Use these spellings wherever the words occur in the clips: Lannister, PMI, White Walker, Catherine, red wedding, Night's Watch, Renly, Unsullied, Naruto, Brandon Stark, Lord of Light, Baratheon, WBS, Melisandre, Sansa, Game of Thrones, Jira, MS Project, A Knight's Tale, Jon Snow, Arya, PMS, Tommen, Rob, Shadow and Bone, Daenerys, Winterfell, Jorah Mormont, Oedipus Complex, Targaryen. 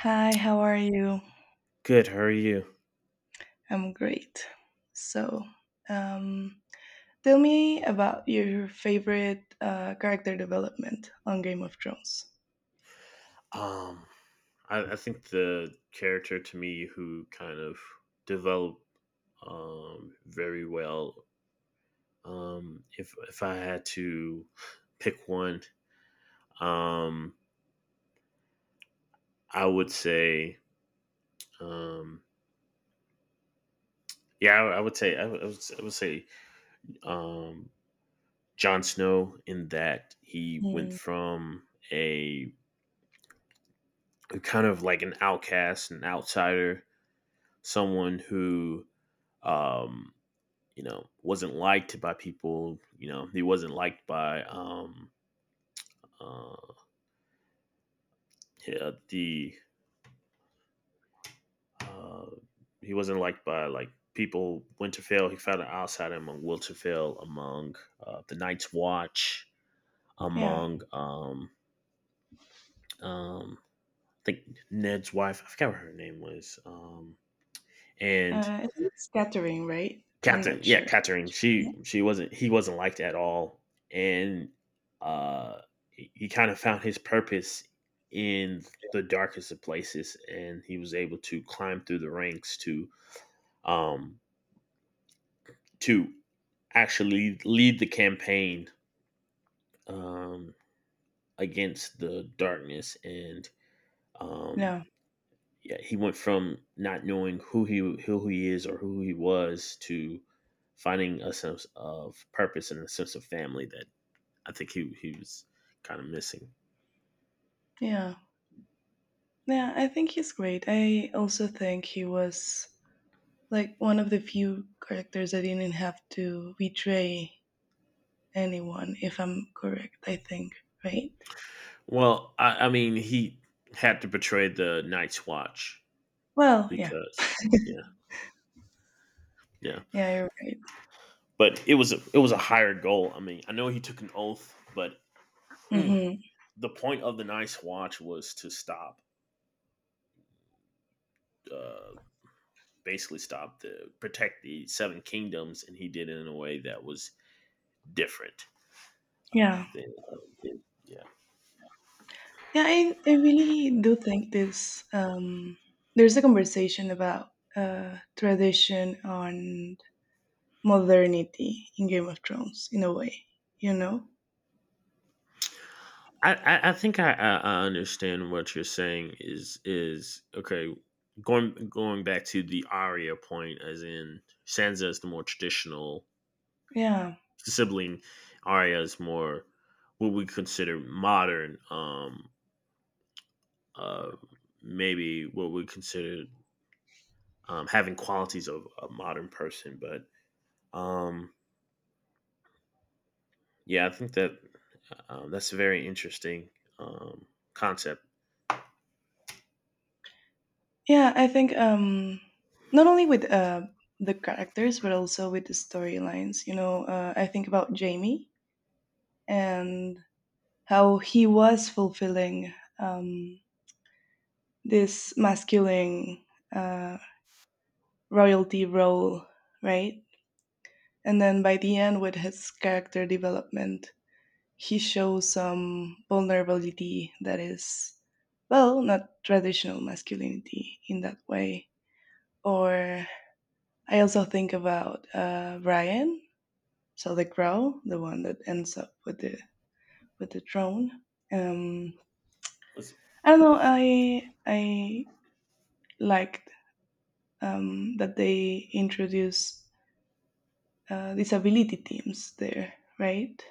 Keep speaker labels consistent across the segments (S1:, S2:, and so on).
S1: Hi, how are you?
S2: Good. How are you?
S1: I'm great. So, um, tell me about your favorite character development on Game of Thrones.
S2: Um, I think the character to me who kind of developed very well. If I had to pick one, um, I would say, um, I would say, um, Jon Snow, in that he went
S1: Hmm.
S2: from a kind of like an outcast, an outsider, someone who um, wasn't liked by people. He wasn't liked by uh yeah, the uh he wasn't liked by like people. Winterfell, he found an outsider among Winterfell, among the Night's Watch,
S1: Yeah,
S2: among um I think Ned's wife. I forgot what her name was. And
S1: I think it's Catherine, right? I'm
S2: Catherine,
S1: not
S2: yeah,
S1: sure.
S2: Catherine. She wasn't he wasn't liked at all, and uh, he kind of found his purpose in the darkest of places, and he was able to climb through the ranks to um to actually lead the campaign um against the darkness, and um
S1: No,
S2: yeah, he went from not knowing who he is or who he was to finding a sense of purpose and a sense of family that I think he was kind of missing.
S1: yeah. Yeah, I think he's great. I also think he was like one of the few characters that didn't have to betray anyone, if I'm correct, I think, right?
S2: Well, I mean, he had to betray the Night's Watch
S1: Well, yeah.
S2: because, yeah, yeah.
S1: Yeah, you're right.
S2: But it was a higher goal. I mean, I know he took an oath, but mm,
S1: Hmm.
S2: the point of the Night's Watch was to stop, uh, basically stop the protect the Seven Kingdoms, and he did it in a way that was different. Um,
S1: Yeah.
S2: than yeah,
S1: Yeah, I really do think this there's a conversation about tradition and modernity in Game of Thrones in a way, you know?
S2: I think I understand what you're saying is okay. Going back to the Arya point, as in Sansa is the more traditional
S1: Yeah.
S2: sibling, Arya is more what we consider modern. Uh, Maybe what we consider having qualities of a modern person, but um, yeah, I think that's a very interesting um, concept.
S1: Yeah, I think not only with the characters, but also with the storylines. You know, I think about Jamie and how he was fulfilling this masculine uh, royalty role, right? And then by the end, with his character development, he shows some vulnerability that is, well, not traditional masculinity in that way. Or I also think about Ryan, so the crow, the one that ends up with the drone. Um,
S2: Was-
S1: I don't know. I liked that they introduce disability teams there, right?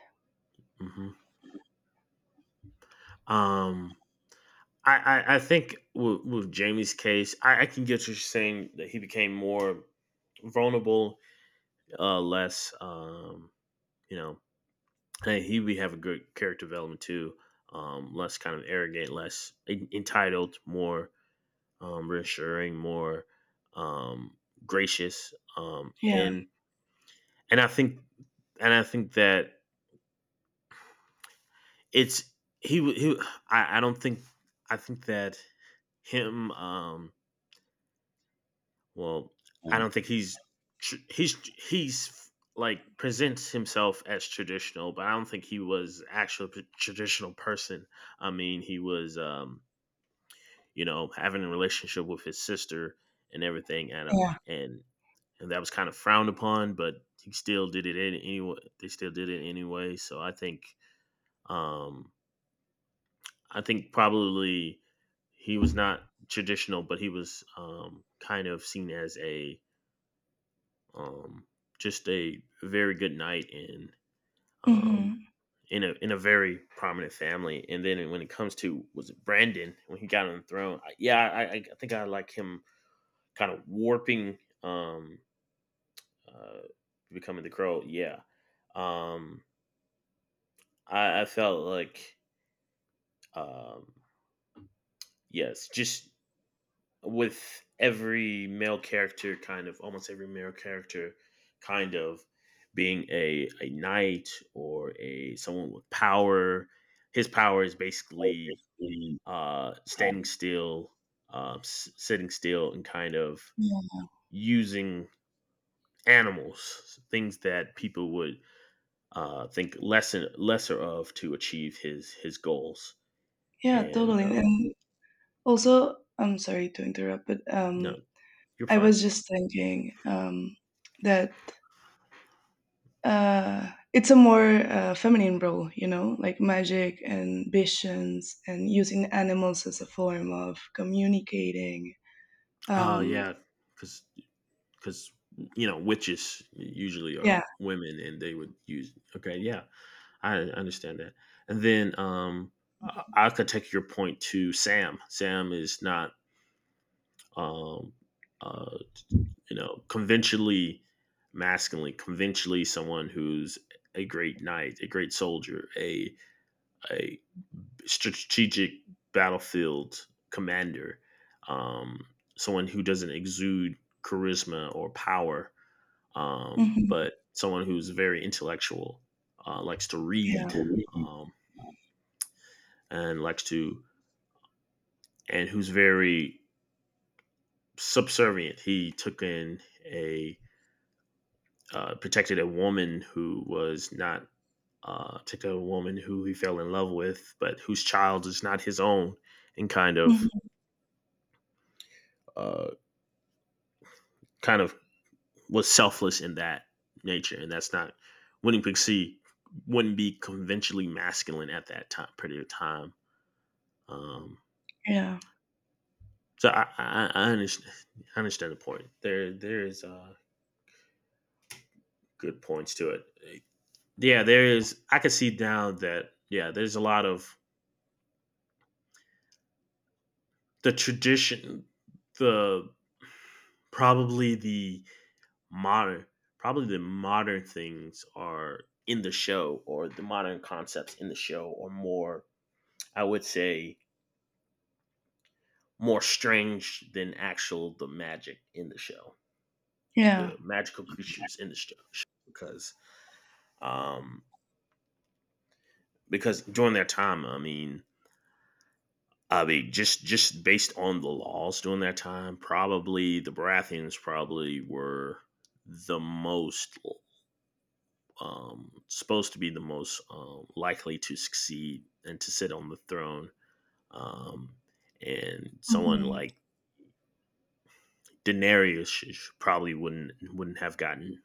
S2: Mhm. Um, I, I think with Jamie's case, I can get you saying that he became more vulnerable, less, you know, and he we have a good character development too, less kind of arrogant, less entitled, more reassuring, more um, gracious,
S1: Yeah.
S2: and and I think and I think that it's he w- he I don't think I think that him well, I don't think he's tr- he's he's like presents himself as traditional, but I don't think he was actual traditional person. I mean, he was having a relationship with his sister and everything, and
S1: Yeah.
S2: and and that was kind of frowned upon, but he still did it anyway. They still did it anyway. So um, I think probably he was not traditional, but he was kind of seen as a Um, just a very good night in, um,
S1: Hmm.
S2: in a very prominent family. And then when it comes to, was it Brandon when he got on the throne? I think I like him kind of warping, um, uh, becoming the crow. Yeah, um, I felt like um, yes, just with every male character, kind of almost every male character kind of being a knight or a someone with power, his power is basically
S1: Basically,
S2: standing
S1: um,
S2: still, sitting still and kind of
S1: yeah.
S2: using animals, things that people would think less and lesser of to achieve his goals,
S1: Yeah.
S2: and
S1: Totally. And also, I'm sorry to interrupt, but
S2: no, you're
S1: I
S2: fine.
S1: was just thinking that uh, it's a more feminine role, you know, like magic and visions and using animals as a form of communicating. Um,
S2: Yeah, because because witches usually are
S1: yeah.
S2: women, and they would use, okay, yeah, I understand that. And then I could take your point to Sam. Sam is not um uh conventionally masculine, conventionally someone who's a great knight, a great soldier, a strategic battlefield commander, um someone who doesn't exude charisma or power,
S1: Hmm.
S2: but someone who's very intellectual, likes to
S1: Yeah.
S2: read, um, and and who's very subservient. He took in a, protected a woman who was not, protected a woman who he fell in love with, but whose child is not his own, and
S1: Hmm.
S2: uh, kind of was selfless in that nature, and that's not, wouldn't winning Pixie wouldn't be conventionally masculine at that time period of time. Um,
S1: Yeah,
S2: So I understand. I understand the point. There is good points to it. Yeah, there is. I can see now that, yeah, there's a lot of the tradition, the probably the modern, probably the modern things are in the show, or the modern concepts in the show are more. I would say more strange than actual the magic in the show,
S1: yeah.
S2: the magical creatures in the show, because um, during their time. I mean, just based on the laws during that time, probably the Baratheons probably were the most supposed to be the most likely to succeed and to sit on the throne. Um, and someone
S1: Hmm.
S2: like Daenerys probably wouldn't have gotten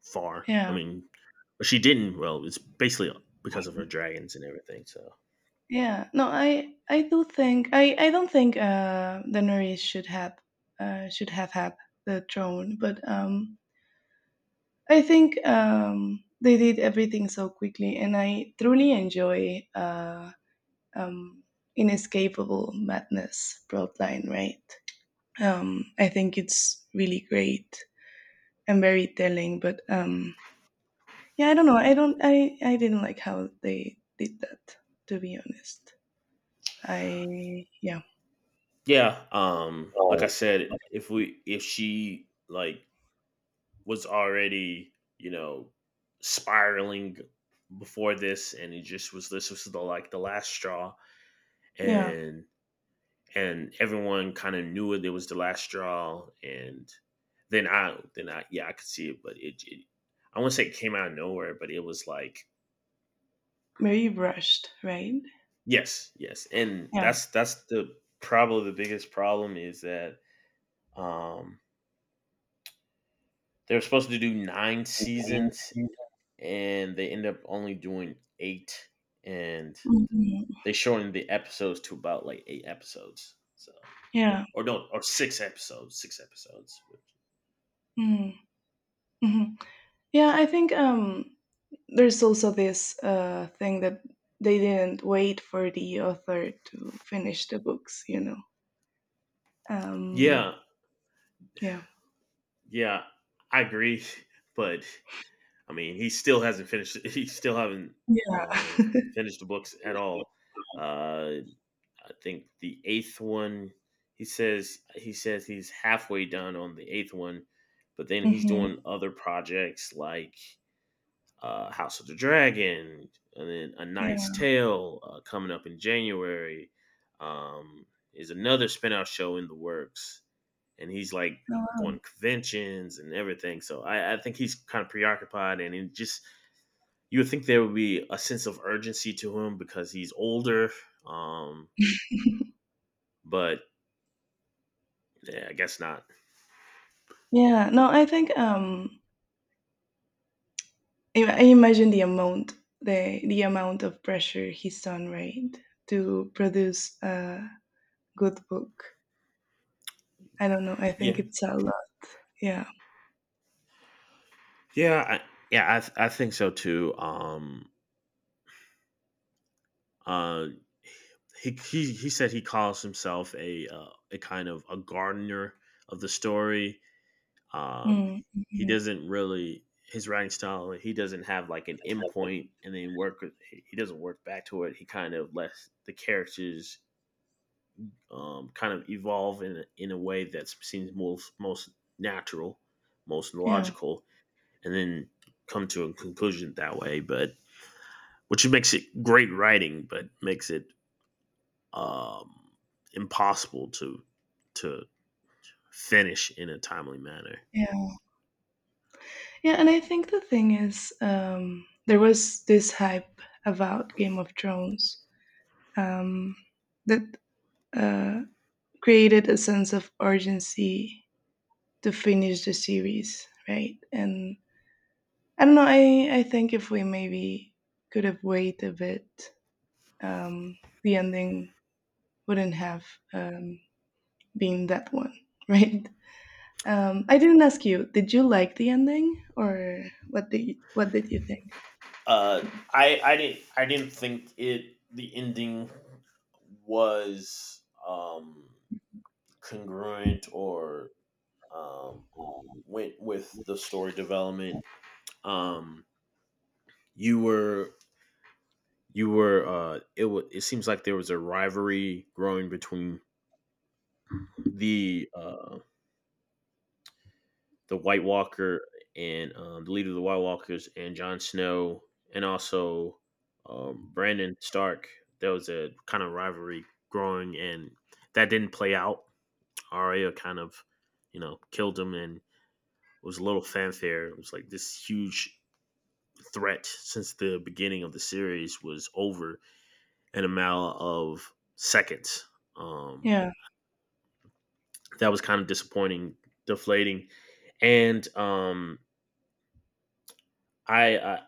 S2: far. I
S1: Yeah,
S2: mean, but she didn't. Well, it's basically because of her dragons and everything. So
S1: yeah. No, I do think I don't think Daenerys should have should have had the throne, but I think they did everything so quickly, and I truly enjoy. Um, inescapable madness broad, right? I think it's really great and very telling. But yeah, I don't know. I don't. I didn't like how they did that. To be honest, I yeah.
S2: yeah, like I
S1: Oh,
S2: said, if she like was already, you know, spiraling before this, and it just was this was the like the last straw,
S1: yeah,
S2: and everyone kind of knew it, it was the last straw, and then I I could see it, but it I wouldn't say it came out of nowhere, but it was like,
S1: very rushed, right?
S2: yes, yes. And
S1: Yeah.
S2: that's the probably the biggest problem, is that um they were supposed to do nine seasons, and they end up only doing eight, and
S1: Mhm.
S2: they shortened the episodes to about like eight episodes. So,
S1: Yeah.
S2: or no, or six episodes, six episodes.
S1: Mm. Mhm. Yeah, I think there's also this thing that they didn't wait for the author to finish the books, you know. Um,
S2: Yeah,
S1: yeah.
S2: yeah, I agree, but I mean, he still hasn't finished. He still haven't
S1: Yeah.
S2: um, finished the books at all. Uh, I think the eighth one. He says he's halfway done on the eighth one, but then he's
S1: Hmm.
S2: doing other projects like House of the Dragon, and then A Knight's
S1: Yeah.
S2: Tale, coming up in January, um, is another spinoff show in the works, and he's like
S1: Oh, wow.
S2: going to conventions and everything. So I think he's kind of preoccupied, and it just, you would think there would be a sense of urgency to him because he's older, um, but yeah, I guess not.
S1: Yeah. No, I think I imagine the amount, the amount of pressure he's on right to produce a good book. I don't know. I think
S2: Yeah,
S1: it's a lot. Yeah.
S2: yeah, I think so too. Uh, he said he calls himself a, kind of a gardener of the story. Um, he
S1: Mm-hmm.
S2: doesn't really, his writing style, he doesn't have like an endpoint, and then work. He doesn't work back to it. He kind of lets the characters kind of evolve in a way that seems most natural, most
S1: Yeah.
S2: logical, and then come to a conclusion that way. But which makes it great writing, but makes it um, impossible to finish in a timely manner.
S1: Yeah. Yeah. And I think the thing is, there was this hype about Game of Thrones um, that uh, created a sense of urgency to finish the series, right? And I don't know. I think if we maybe could have waited a bit, um, the ending wouldn't have um, been that one, right? I didn't ask you. Did you like the ending, or what did you think?
S2: Uh, I didn't think it the ending was congruent or um, went with the story development. Um, you were you were it wa it seems like there was a rivalry growing between the uh, the White Walker and the leader of the White Walkers and Jon Snow, and also Brandon Stark. There was a kind of rivalry growing, and that didn't play out. Arya kind of, killed him, and it was a little fanfare. It was like this huge threat since the beginning of the series was over in a matter of seconds. Um,
S1: Yeah.
S2: that was kind of disappointing, deflating, and I I,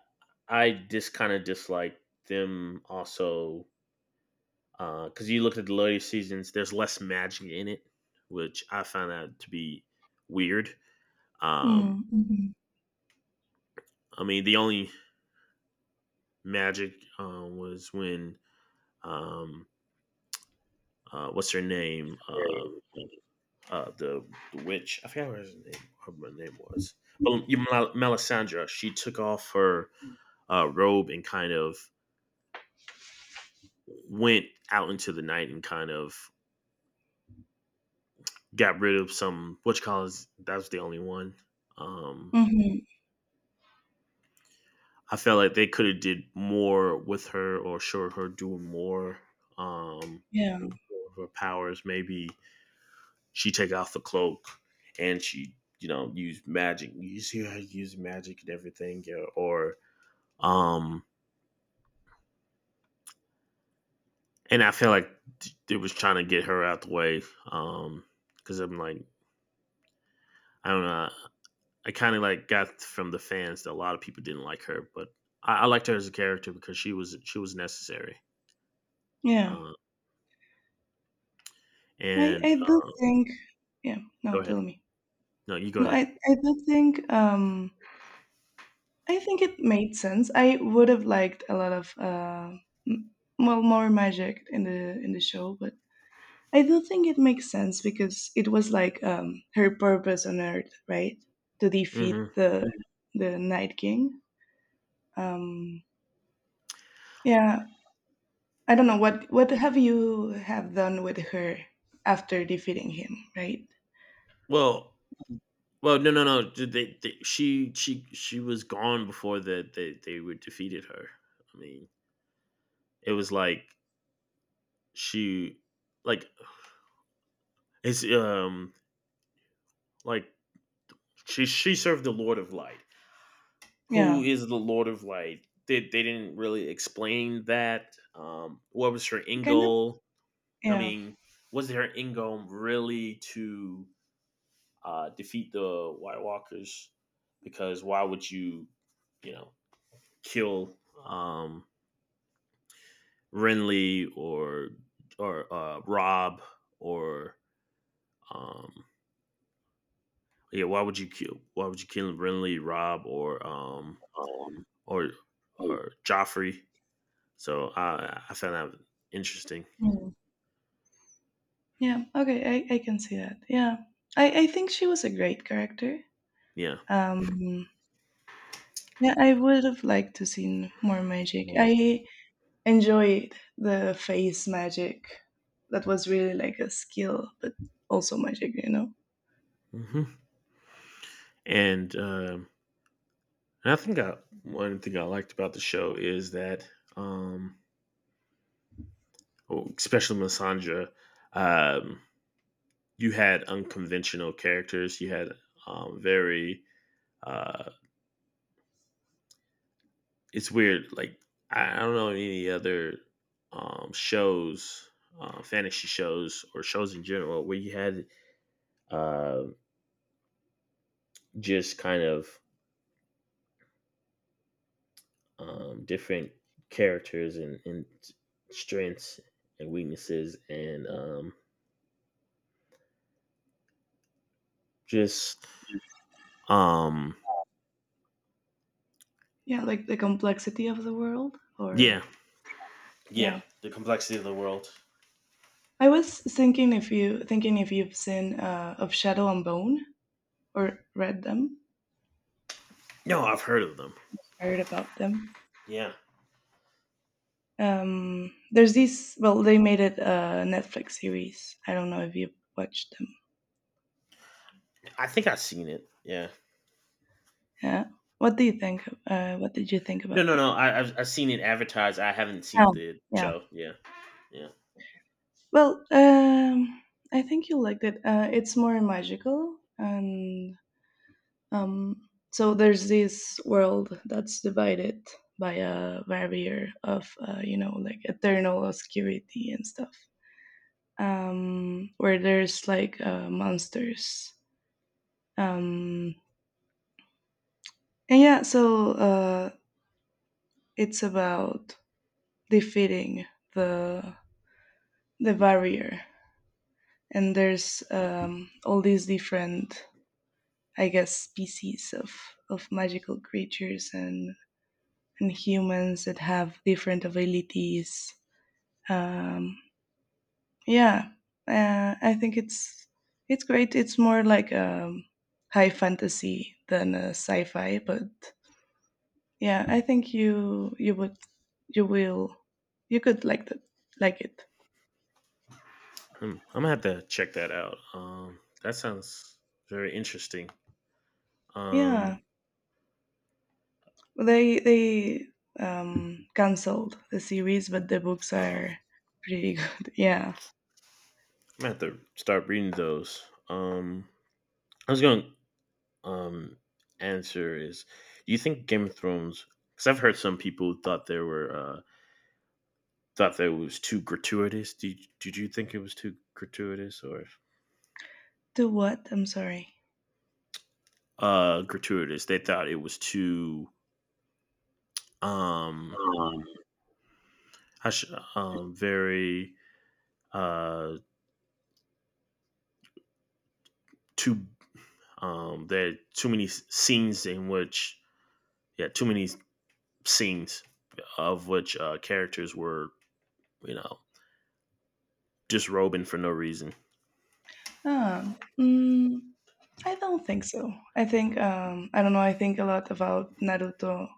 S2: I just kind of dislike them also because you look at the later seasons, there's less magic in it, which I found that to be weird. Um,
S1: Mm, mhm.
S2: I mean, the only magic was when, um, what's her name, uh, the, the witch. I forgot what her name was, but Melisandre. She took off her robe and kind of went out into the night and kind of got rid of some which college. That was the only one. Um,
S1: Mhm.
S2: I felt like they could have did more with her or showed her doing more um,
S1: Yeah.
S2: with her powers. Maybe she take off the cloak, and she, use magic. You see her use magic and everything, yeah, or um, and I feel like it was trying to get her out the way, um, because I'm like, I don't know. I kind of like got from the fans that a lot of people didn't like her, but I liked her as a character because she was necessary.
S1: Yeah,
S2: Uh,
S1: I
S2: and
S1: I do think yeah,
S2: go
S1: no,
S2: ahead.
S1: tell me.
S2: No, you go
S1: No, I
S2: ahead.
S1: I do think I think it made sense. I would have liked a lot of m- well more magic in the, in the show, but I do think it makes sense because it was like her purpose on Earth, right? To defeat
S2: Hmm.
S1: the Night King. Um, yeah, I don't know what have you have done with her after defeating him, right?
S2: Well, well, no, no, no. She was gone before that they were defeated her. I mean, it was like she like it's like she served the Lord of Light. Who
S1: Yeah.
S2: is the Lord of Light? They didn't really explain that. What was her
S1: It
S2: end
S1: kind of
S2: goal? I
S1: yeah.
S2: mean, was their end goal really to defeat the White Walkers? Because why would you, you know, kill um, Renly or Rob or um, yeah? Why would you kill? Why would you kill Renly, Rob,
S1: Um,
S2: or
S1: I
S2: or Joffrey? So I found that interesting.
S1: mm. Yeah, okay, I can see that. Yeah. I think she was a great character.
S2: Yeah.
S1: Um, yeah, I would have liked to seen more magic.
S2: Well,
S1: I enjoyed the face magic. That was really like a skill, but also magic, you know?
S2: hmm. And um, And I think I, one thing I liked about the show is that, um, well, especially Masandra, um, you had unconventional characters. You had very. Uh, it's weird. I don't know any other shows, fantasy shows or shows in general, where you had uh, just kind of different characters and strengths and weaknesses and just um
S1: Yeah, like the complexity of the world, or
S2: Yeah. Yeah,
S1: yeah.
S2: the complexity of the world.
S1: I was thinking if you thinking if you've seen of Shadow and Bone or read them,
S2: No, I've heard of them.
S1: heard about them.
S2: Yeah,
S1: There's these. Well, they made it a Netflix series. I don't know if you've watched them.
S2: I think I've seen it. Yeah.
S1: Yeah. What do you think? What did you think
S2: No,
S1: about
S2: no,
S1: them?
S2: no. I've seen it advertised. I haven't seen
S1: Oh,
S2: the
S1: yeah.
S2: show. Yeah. Yeah.
S1: Well, I think you'll like that. It's more magical, and um, so there's this world that's divided by a barrier of, you know, like eternal obscurity and stuff. Where there's like monsters. Um, and yeah, so it's about defeating the the barrier, and there's all these different I guess, species of magical creatures and humans that have different abilities. Um, yeah, I think it's great. It's more like high fantasy than sci-fi, but yeah, I think you you would you will you could like that like it.
S2: Hmm, I'm gonna have to check that out. That sounds very interesting.
S1: Yeah,
S2: Um.
S1: they canceled the series, but the books
S2: Oh. I'm
S1: are pretty good. Yeah.
S2: gonna have to start reading those. Um, I was going to um answer is, do you think Game of Thrones? Because I've heard some people who thought there were thought that it was too gratuitous. Did you think it was too gratuitous or
S1: To what? I'm sorry.
S2: gratuitous? They thought it was too um I should very uh too there are too many scenes in which yeah too many scenes of which characters were, you know, disrobing for no reason.
S1: Mm, I don't think so. I think I don't know. I think a lot about Naruto.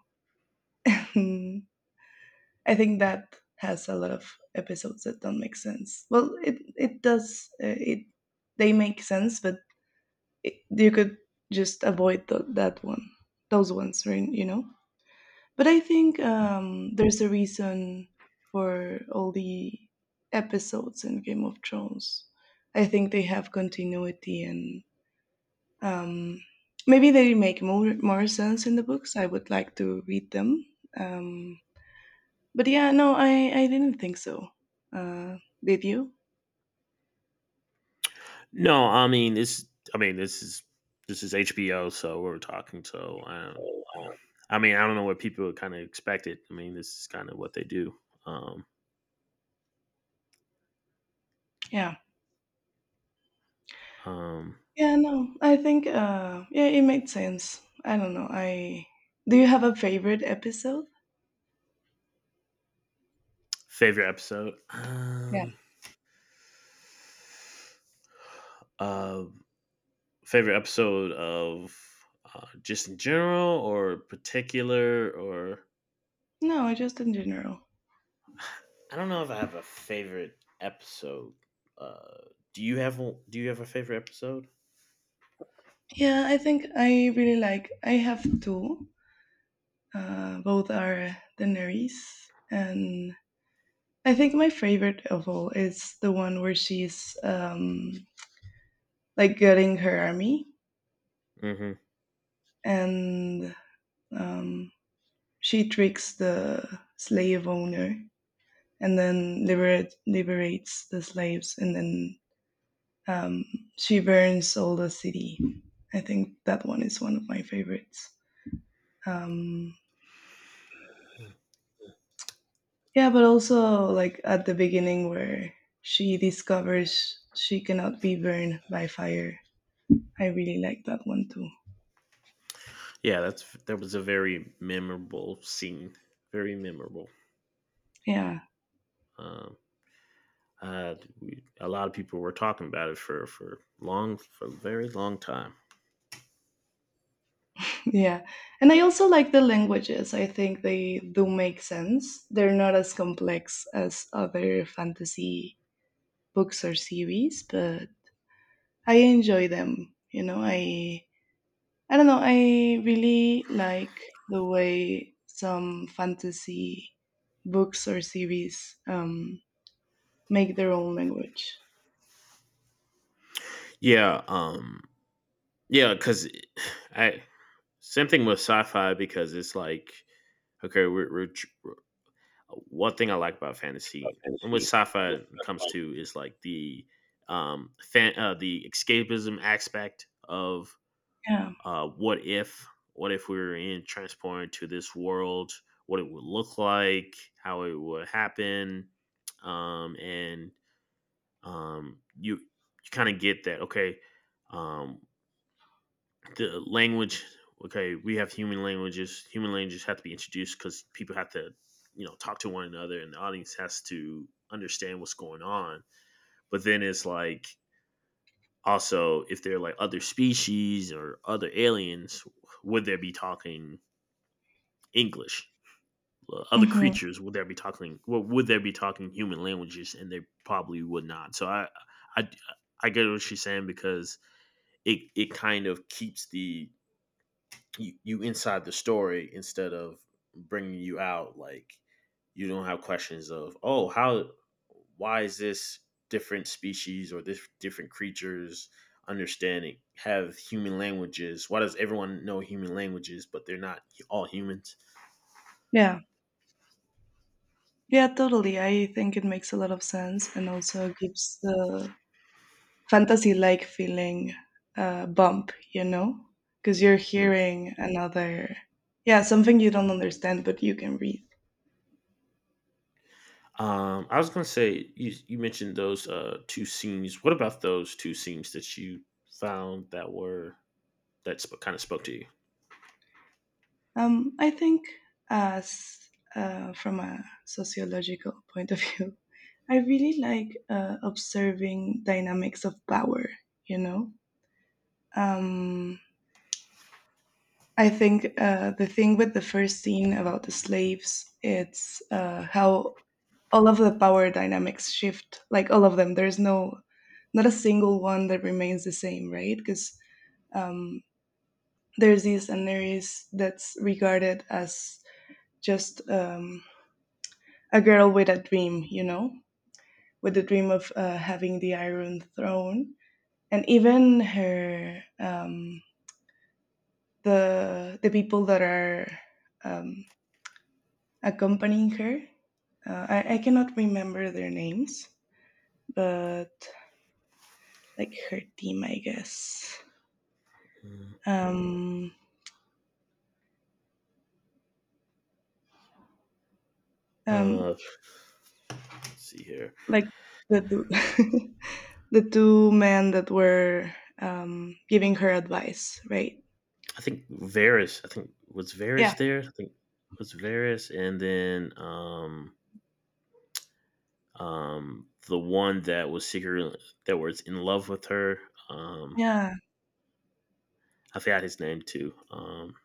S1: I think that has a lot of episodes that don't make sense. Well, it does. It they make sense, but it, you could just avoid that one, those ones, right? You know. But I think there's a reason for all the episodes in Game of Thrones. I think they have continuity and. Um, maybe they make more more sense in the books. I would like to read them. Um, but yeah, no, I didn't think so. Uh, did you?
S2: No, I mean it's I mean this is this is HBO, so we're talking so. I mean, I don't know what people kind of expected. I mean, this is kind of what they do. Um.
S1: Yeah.
S2: Um,
S1: Yeah, no, I think yeah, it made sense. I don't know. I do you have a favorite episode?
S2: favorite episode.
S1: Yeah.
S2: Uh, favorite episode of just in general or particular or
S1: No, just in general.
S2: I don't know if I have a favorite episode. Uh, do you have do you have a favorite episode?
S1: Yeah, I think I really like. I have two. Both are Daenerys, and I think my favorite of all is the one where she's like getting her army
S2: Mm-hmm.
S1: and um, she tricks the slave owner and then liberate, liberates the slaves and then um, she burns all the city. I think that one is one of my favorites. Um, yeah, but also like at the beginning where she discovers she cannot be burned by fire. I really like that one too.
S2: Yeah, that was a very memorable scene. Very memorable.
S1: Yeah.
S2: Um. A lot of people were talking about it for long for a very long time.
S1: Yeah. And I also like the languages. I think they do make sense. They're not as complex as other fantasy books or series, but I enjoy them. You know, I don't know, I really like the way some fantasy books or series make their own language.
S2: Yeah, yeah, because I same thing with sci-fi because it's like okay, one thing I like about fantasy and what sci-fi comes to is like the the escapism aspect of,
S1: Yeah.
S2: uh, what if what if we were in transported to this world, what it would look like, how it would happen, and you, you kind of get that okay. um, the language, okay, we have human languages. Human languages have to be introduced because people have to, you know, talk to one another and the audience has to understand what's going on. But then it's like also if they're like other species or other aliens, would they be talking english? Well, other
S1: Mhm.
S2: creatures would they be talking, well, would they be talking human languages? And they probably would not. So i i i get what she's saying because it kind of keeps the you inside the story instead of bringing you out. Like you don't have questions of oh how, why is this different species or this different creatures understanding have human languages, why does everyone know human languages but they're not all humans.
S1: Yeah. Yeah, totally. I think it makes a lot of sense and also gives the fantasy like feeling bump, you know, because you're
S2: Hmm.
S1: hearing another, yeah, something you don't understand, but you can read.
S2: I was gonna say, you mentioned those two scenes. What about those two scenes that you found that were kind of spoke to you?
S1: I think, as from a sociological point of view, I really like observing dynamics of power, you know, um, I think the thing with the first scene about the slaves, it's how all of the power dynamics shift, like all of them. There's no, not a single one that remains the same, right? Because um, there's this Daenerys that's regarded as just a girl with a dream, you know, with the dream of having the Iron Throne. And even her, the people that are um, accompanying her, uh, I cannot remember their names, but like her team, I guess.
S2: Hmm.
S1: Um, um,
S2: Uh, let's see here.
S1: like the two, the two men that were giving her advice, right?
S2: I think Varys. I think was
S1: Yeah,
S2: Varys there. I think it was Varys, and then the one that was secretly that was in love with her. Um,
S1: yeah,
S2: I forgot his name too.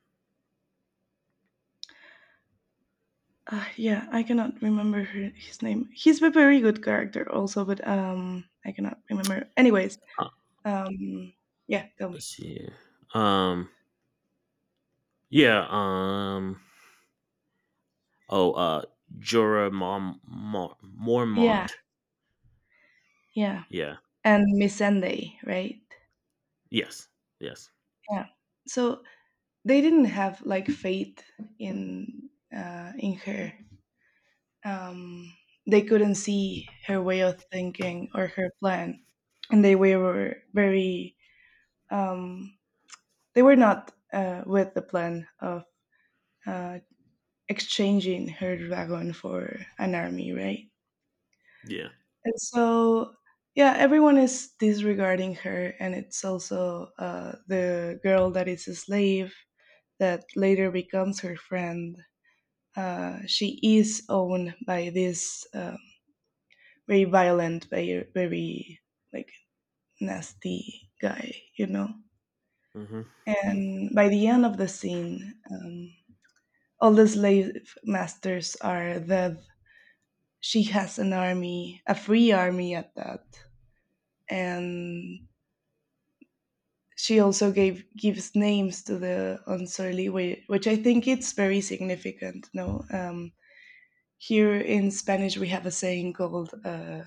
S1: yeah. I cannot remember her, his name. He's a very good character, also, but I cannot remember. Anyways,
S2: uh,
S1: um, yeah, tell
S2: let's
S1: me.
S2: see. Here. Yeah. Oh. Jorah
S1: Yeah,
S2: Mormont.
S1: yeah,
S2: Yeah.
S1: and Miss Sunday, right?
S2: Yes. Yes.
S1: Yeah. So they didn't have like faith in in her. Um, they couldn't see her way of thinking or her plan, and they were very um, they were not with the plan of uh, exchanging her dragon for an army, right?
S2: Yeah.
S1: And so yeah, everyone is disregarding her, and it's also the girl that is a slave that later becomes her friend she is owned by this very violent, very, very like nasty guy, you know.
S2: Mm-hmm.
S1: And by the end of the scene, all the slave masters are dead. She has an army, a free army at that, and she also gave gives names to the unsurly, which I think it's very significant. No, here in Spanish we have a saying called.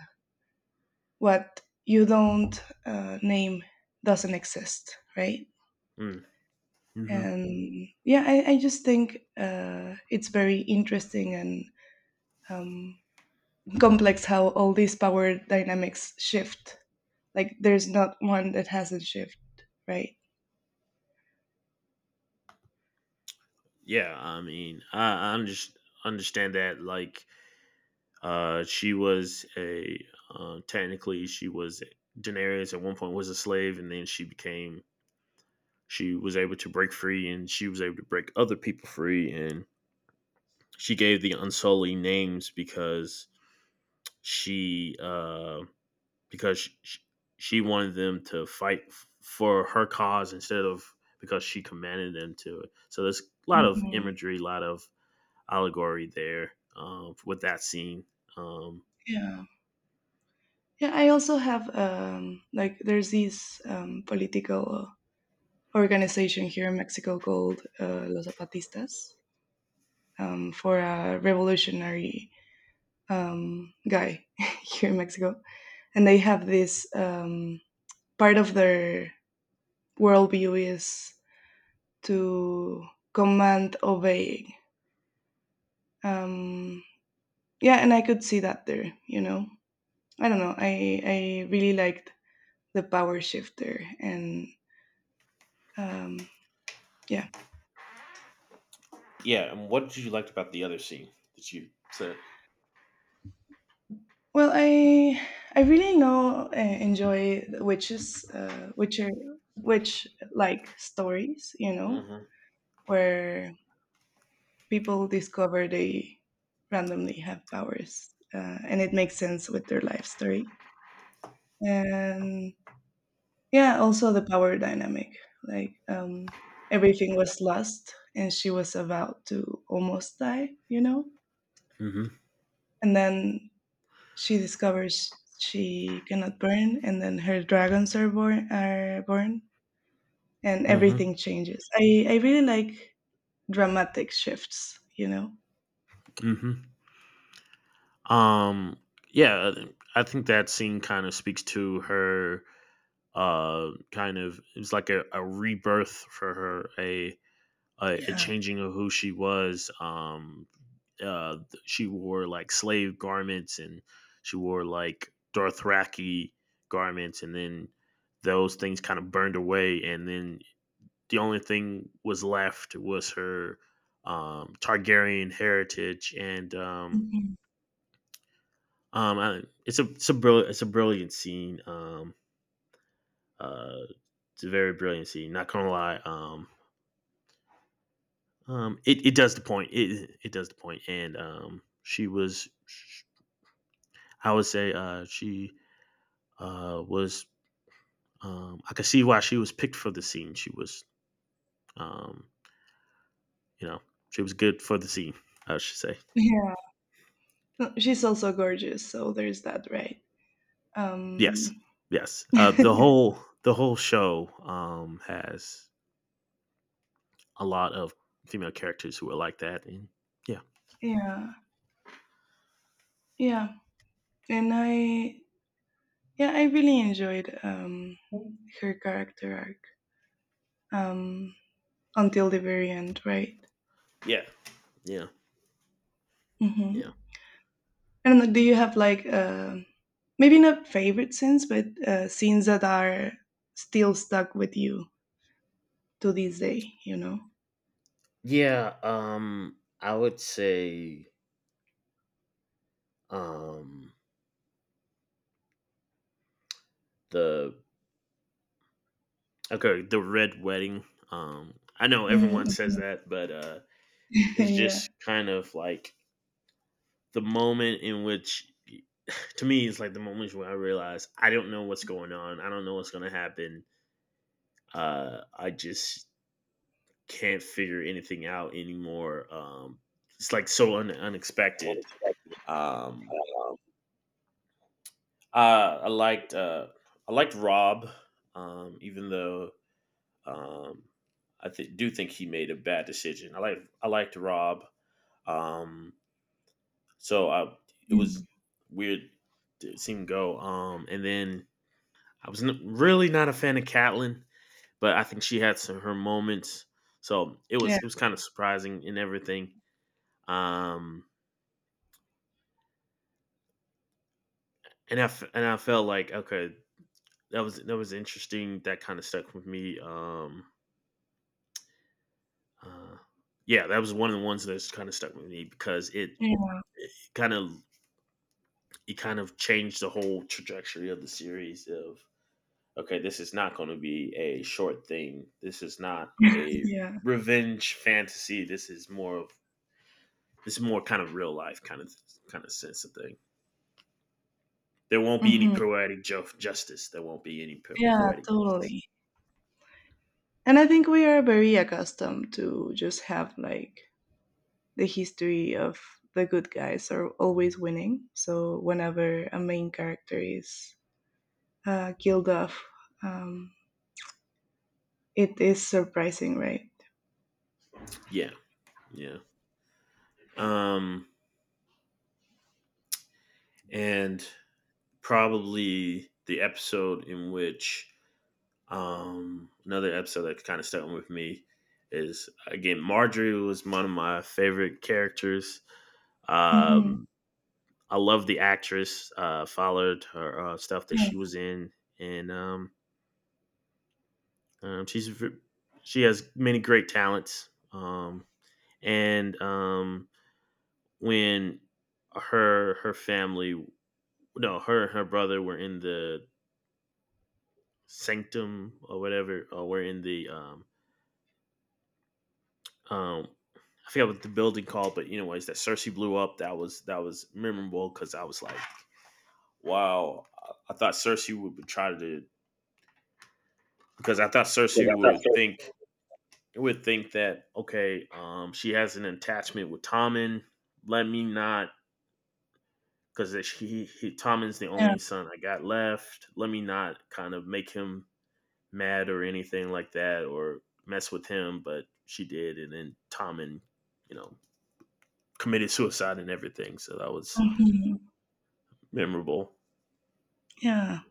S1: What you don't name doesn't exist, right?
S2: Mm-hmm. Mm-hmm.
S1: And yeah, I just think it's very interesting and um, complex how all these power dynamics shift. Like, there's not one that hasn't shifted, right?
S2: Yeah. I mean, I just understand that like, uh, she was a, technically she was. Daenerys at one point was a slave, and then she became, she was able to break free, and she was able to break other people free, and she gave the Unsullied names because she, because she, she wanted them to fight for her cause instead of because she commanded them to. So there's a lot of
S1: Mhm.
S2: imagery, a lot of allegory there with that scene. Um.
S1: Yeah. Yeah, I also have like there's these political organization here in Mexico called Los Zapatistas for a revolutionary guy here in Mexico. And they have this part of their worldview is to command obeying. Um, yeah, and I could see that there, you know. I don't know. I really liked the power shift there. And um, yeah.
S2: Yeah, and what did you like about the other scene that you said?
S1: Well, I really now enjoy the witches, witcher, witch like stories. You know,
S2: Hmm.
S1: where people discover they randomly have powers, and it makes sense with their life story. And yeah, also the power dynamic. Like everything was lost, and she was about to almost die. You know,
S2: Mm-hmm.
S1: and then she discovers she cannot burn and then her dragons are born and
S2: Mm-hmm.
S1: everything changes. I really like dramatic shifts you know.
S2: Mm-hmm. Um. Yeah, I think that scene kind of speaks to her. Kind of it was like a rebirth for her, a
S1: Yeah. Um,
S2: changing of who she was. Uh, she wore like slave garments, and she wore like Dothraki garments, and then those things kind of burned away, and then the only thing was left was her Targaryen heritage, and
S1: mhm.
S2: I, it's a it's a brilliant scene. Uh, it's a very brilliant scene. Not gonna lie. It does the point. It does the point. And she was, I would say, she was. I could see why she was picked for the scene. She was, um, you know, she was good for the scene. I should say.
S1: Yeah, she's also gorgeous so there's that right
S2: Yes,
S1: um.
S2: yes. The whole show has a lot of female characters who are like that, and yeah,
S1: Yeah, yeah, and I yeah I really enjoyed her character arc um until the very end right.
S2: yeah, yeah, yeah.
S1: Hmm. I don't know, do you have like a maybe not favorite scenes, but scenes that are still stuck with you to this day, you know?
S2: Yeah, I would say um the Okay, the red wedding. Um, I know everyone
S1: Mm,
S2: says
S1: mhm.
S2: that, but it's
S1: Yeah.
S2: just kind of like the moment in which, to me, it's like the moment where I realize I don't know what's going on. I don't know what's going to happen. I just can't figure anything out anymore. It's like so unexpected. Um, uh, I liked uh, I liked Rob, even though um, do think he made a bad decision. I liked Rob. Um, so I, it
S1: Mm.
S2: was weird to see him go. And then I was really not a fan of Catlin, but I think she had some her moments. So
S1: Yeah.
S2: it was kind of surprising in everything. Um. And and I felt like okay, that was interesting. That kind of stuck with me. Uh, yeah, that was one of the ones that's kind of stuck with me because
S1: Yeah.
S2: it kind of it changed the whole trajectory of the series. Of okay, this is not going to be a short thing. This is not a
S1: Yeah.
S2: revenge fantasy. This is more of this is more kind of real life kind of sense of thing. There won't be any
S1: Hmm.
S2: justice. There won't be any
S1: Yeah,
S2: poetic justice.
S1: totally. And I think we are very accustomed to just have like the history of the good guys are always winning. So whenever a main character is killed off, um, it is surprising, right?
S2: Yeah, yeah. Um, and probably the episode in which, another episode that kind of stuck with me, is again, Marjorie was one of my favorite characters.
S1: Hmm.
S2: Um, I love the actress. Followed her stuff that
S1: Yeah.
S2: she was in, and she's she has many great talents. And when her family, no, her and her brother were in the sanctum or whatever, or we're in the um I forget what the building called, but anyways, that Cersei blew up. That was memorable because I was like, wow, I thought Cersei would try to, because I thought
S1: Was
S2: Cersei
S1: that that
S2: would
S1: first?
S2: think that okay, she has an attachment with Tommen. Let me not, because he Tommen's the
S1: Yeah.
S2: only son I got left. Let me not kind of make him mad or anything like that or mess with him, but she did. And then Tommen, you know, committed suicide and everything. So that was
S1: Hmm.
S2: memorable.
S1: Yeah.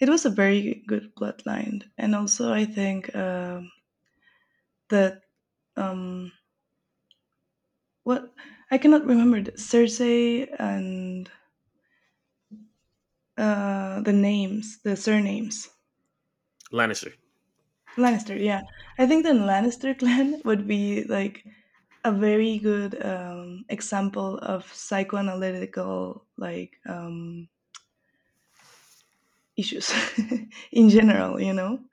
S1: It was a very good plotline, and also I think that um, what I cannot remember the Cersei and the names, the surnames.
S2: Lannister.
S1: Lannister, yeah. I think the Lannister clan would be like a very good example of psychoanalytical like issues in general.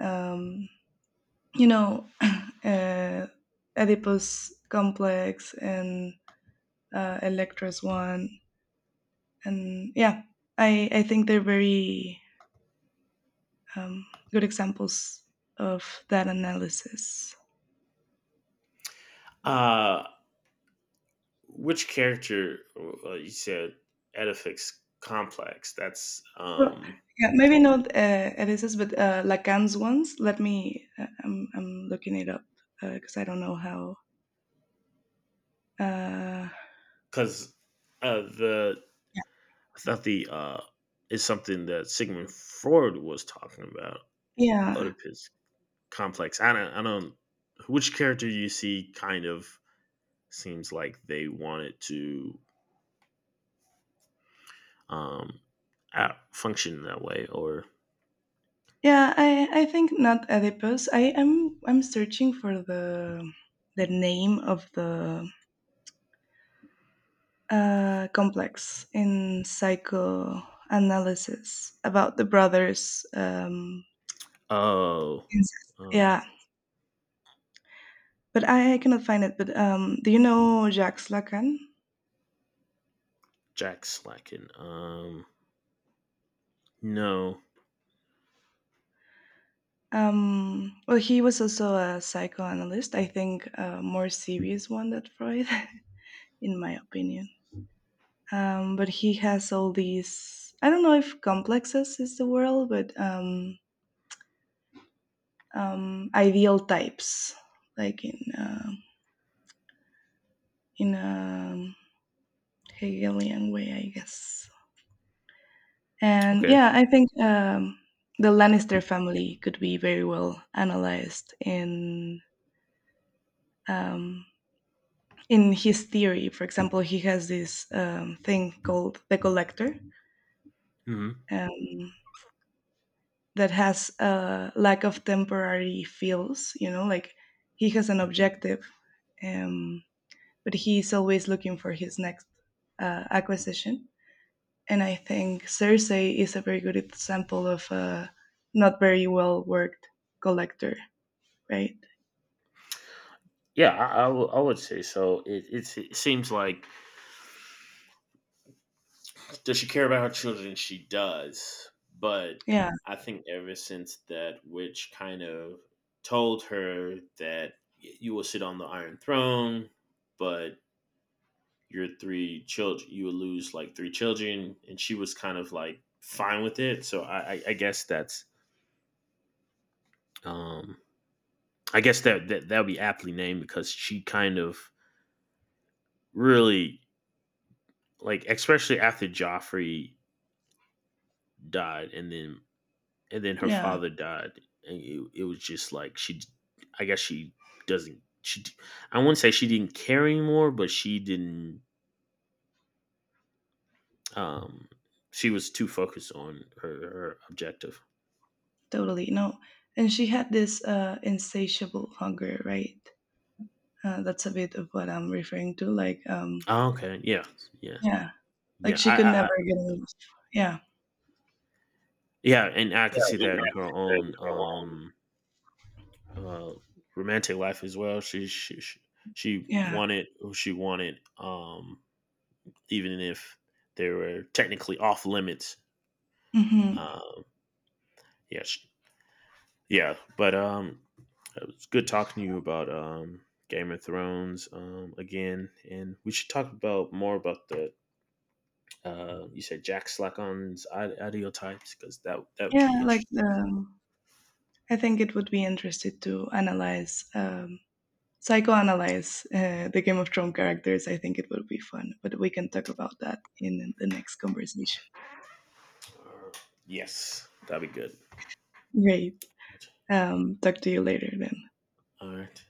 S1: um, you know, uh, Oedipus complex and Electra's one, and yeah, I think they're very um, good examples of that analysis.
S2: Uh, which character, you said Edifix Complex? That's
S1: Well, yeah, maybe not Elisa's, but Lacan's ones. Let me. I'm looking it up because I don't know how. Uh,
S2: because the I thought the is something that Sigmund Freud was talking about.
S1: yeah,
S2: Oedipus Complex. I don't. I don't. Which character do you see kind of seems like they wanted to um, function that way. Or
S1: yeah. I think not Oedipus. I am I'm searching for the name of the complex in psychoanalysis about the brothers
S2: oh,
S1: incest.
S2: oh,
S1: Yeah, but I cannot find it. But do you know Jacques Lacan?
S2: Jack slacking. No,
S1: Well, he was also a psychoanalyst. I think a more serious one than Freud, in my opinion. But he has all these. I don't know if complexes is the word, but ideal types, like in a Hegelian way, I guess. And
S2: okay.
S1: yeah, I think the Lannister family could be very well analyzed um, in his theory. For example, he has this thing called the collector
S2: Hmm.
S1: um, that has a lack of temporary feels, you know, like he has an objective, um, but he's always looking for his next acquisition. And I think Circe is a very good example of a not very well worked collector, right?
S2: Yeah, I would say so. It, it seems like does she care about her children? She does, but
S1: Yeah,
S2: I think ever since that witch kind of told her that you will sit on the Iron Throne, but your three children you would lose like three children, and she was kind of like fine with it. So I guess that's um I guess that, that that would be aptly named because she kind of really, like especially after joffrey died and then her
S1: yeah,
S2: father died, and it was just like she I guess she doesn't she I wouldn't say she didn't care anymore, but she didn't um she was too focused on her objective.
S1: totally. No. And she had this insatiable hunger, right? That's a bit of what I'm referring to. Like,
S2: Oh, okay, yeah, yeah.
S1: yeah, like
S2: Yeah,
S1: she could
S2: I
S1: never get enough. Yeah,
S2: yeah, and I could see that in her own uh romantic life as well. She
S1: yeah,
S2: wanted who she wanted, even if they were technically off limits.
S1: hmm
S2: Uh, yes, yeah, but it was good talking to you about Game of Thrones again, and we should talk about more about the you said Jack Slackon's ideal types because that would
S1: yeah.
S2: be
S1: Like,
S2: interesting.
S1: I think it would be interested to analyze, psychoanalyze the Game of Thrones characters. I think it would be fun, but we can talk about that in the next conversation.
S2: Uh, yes, that'd be good.
S1: Great. Talk to you later then.
S2: All right.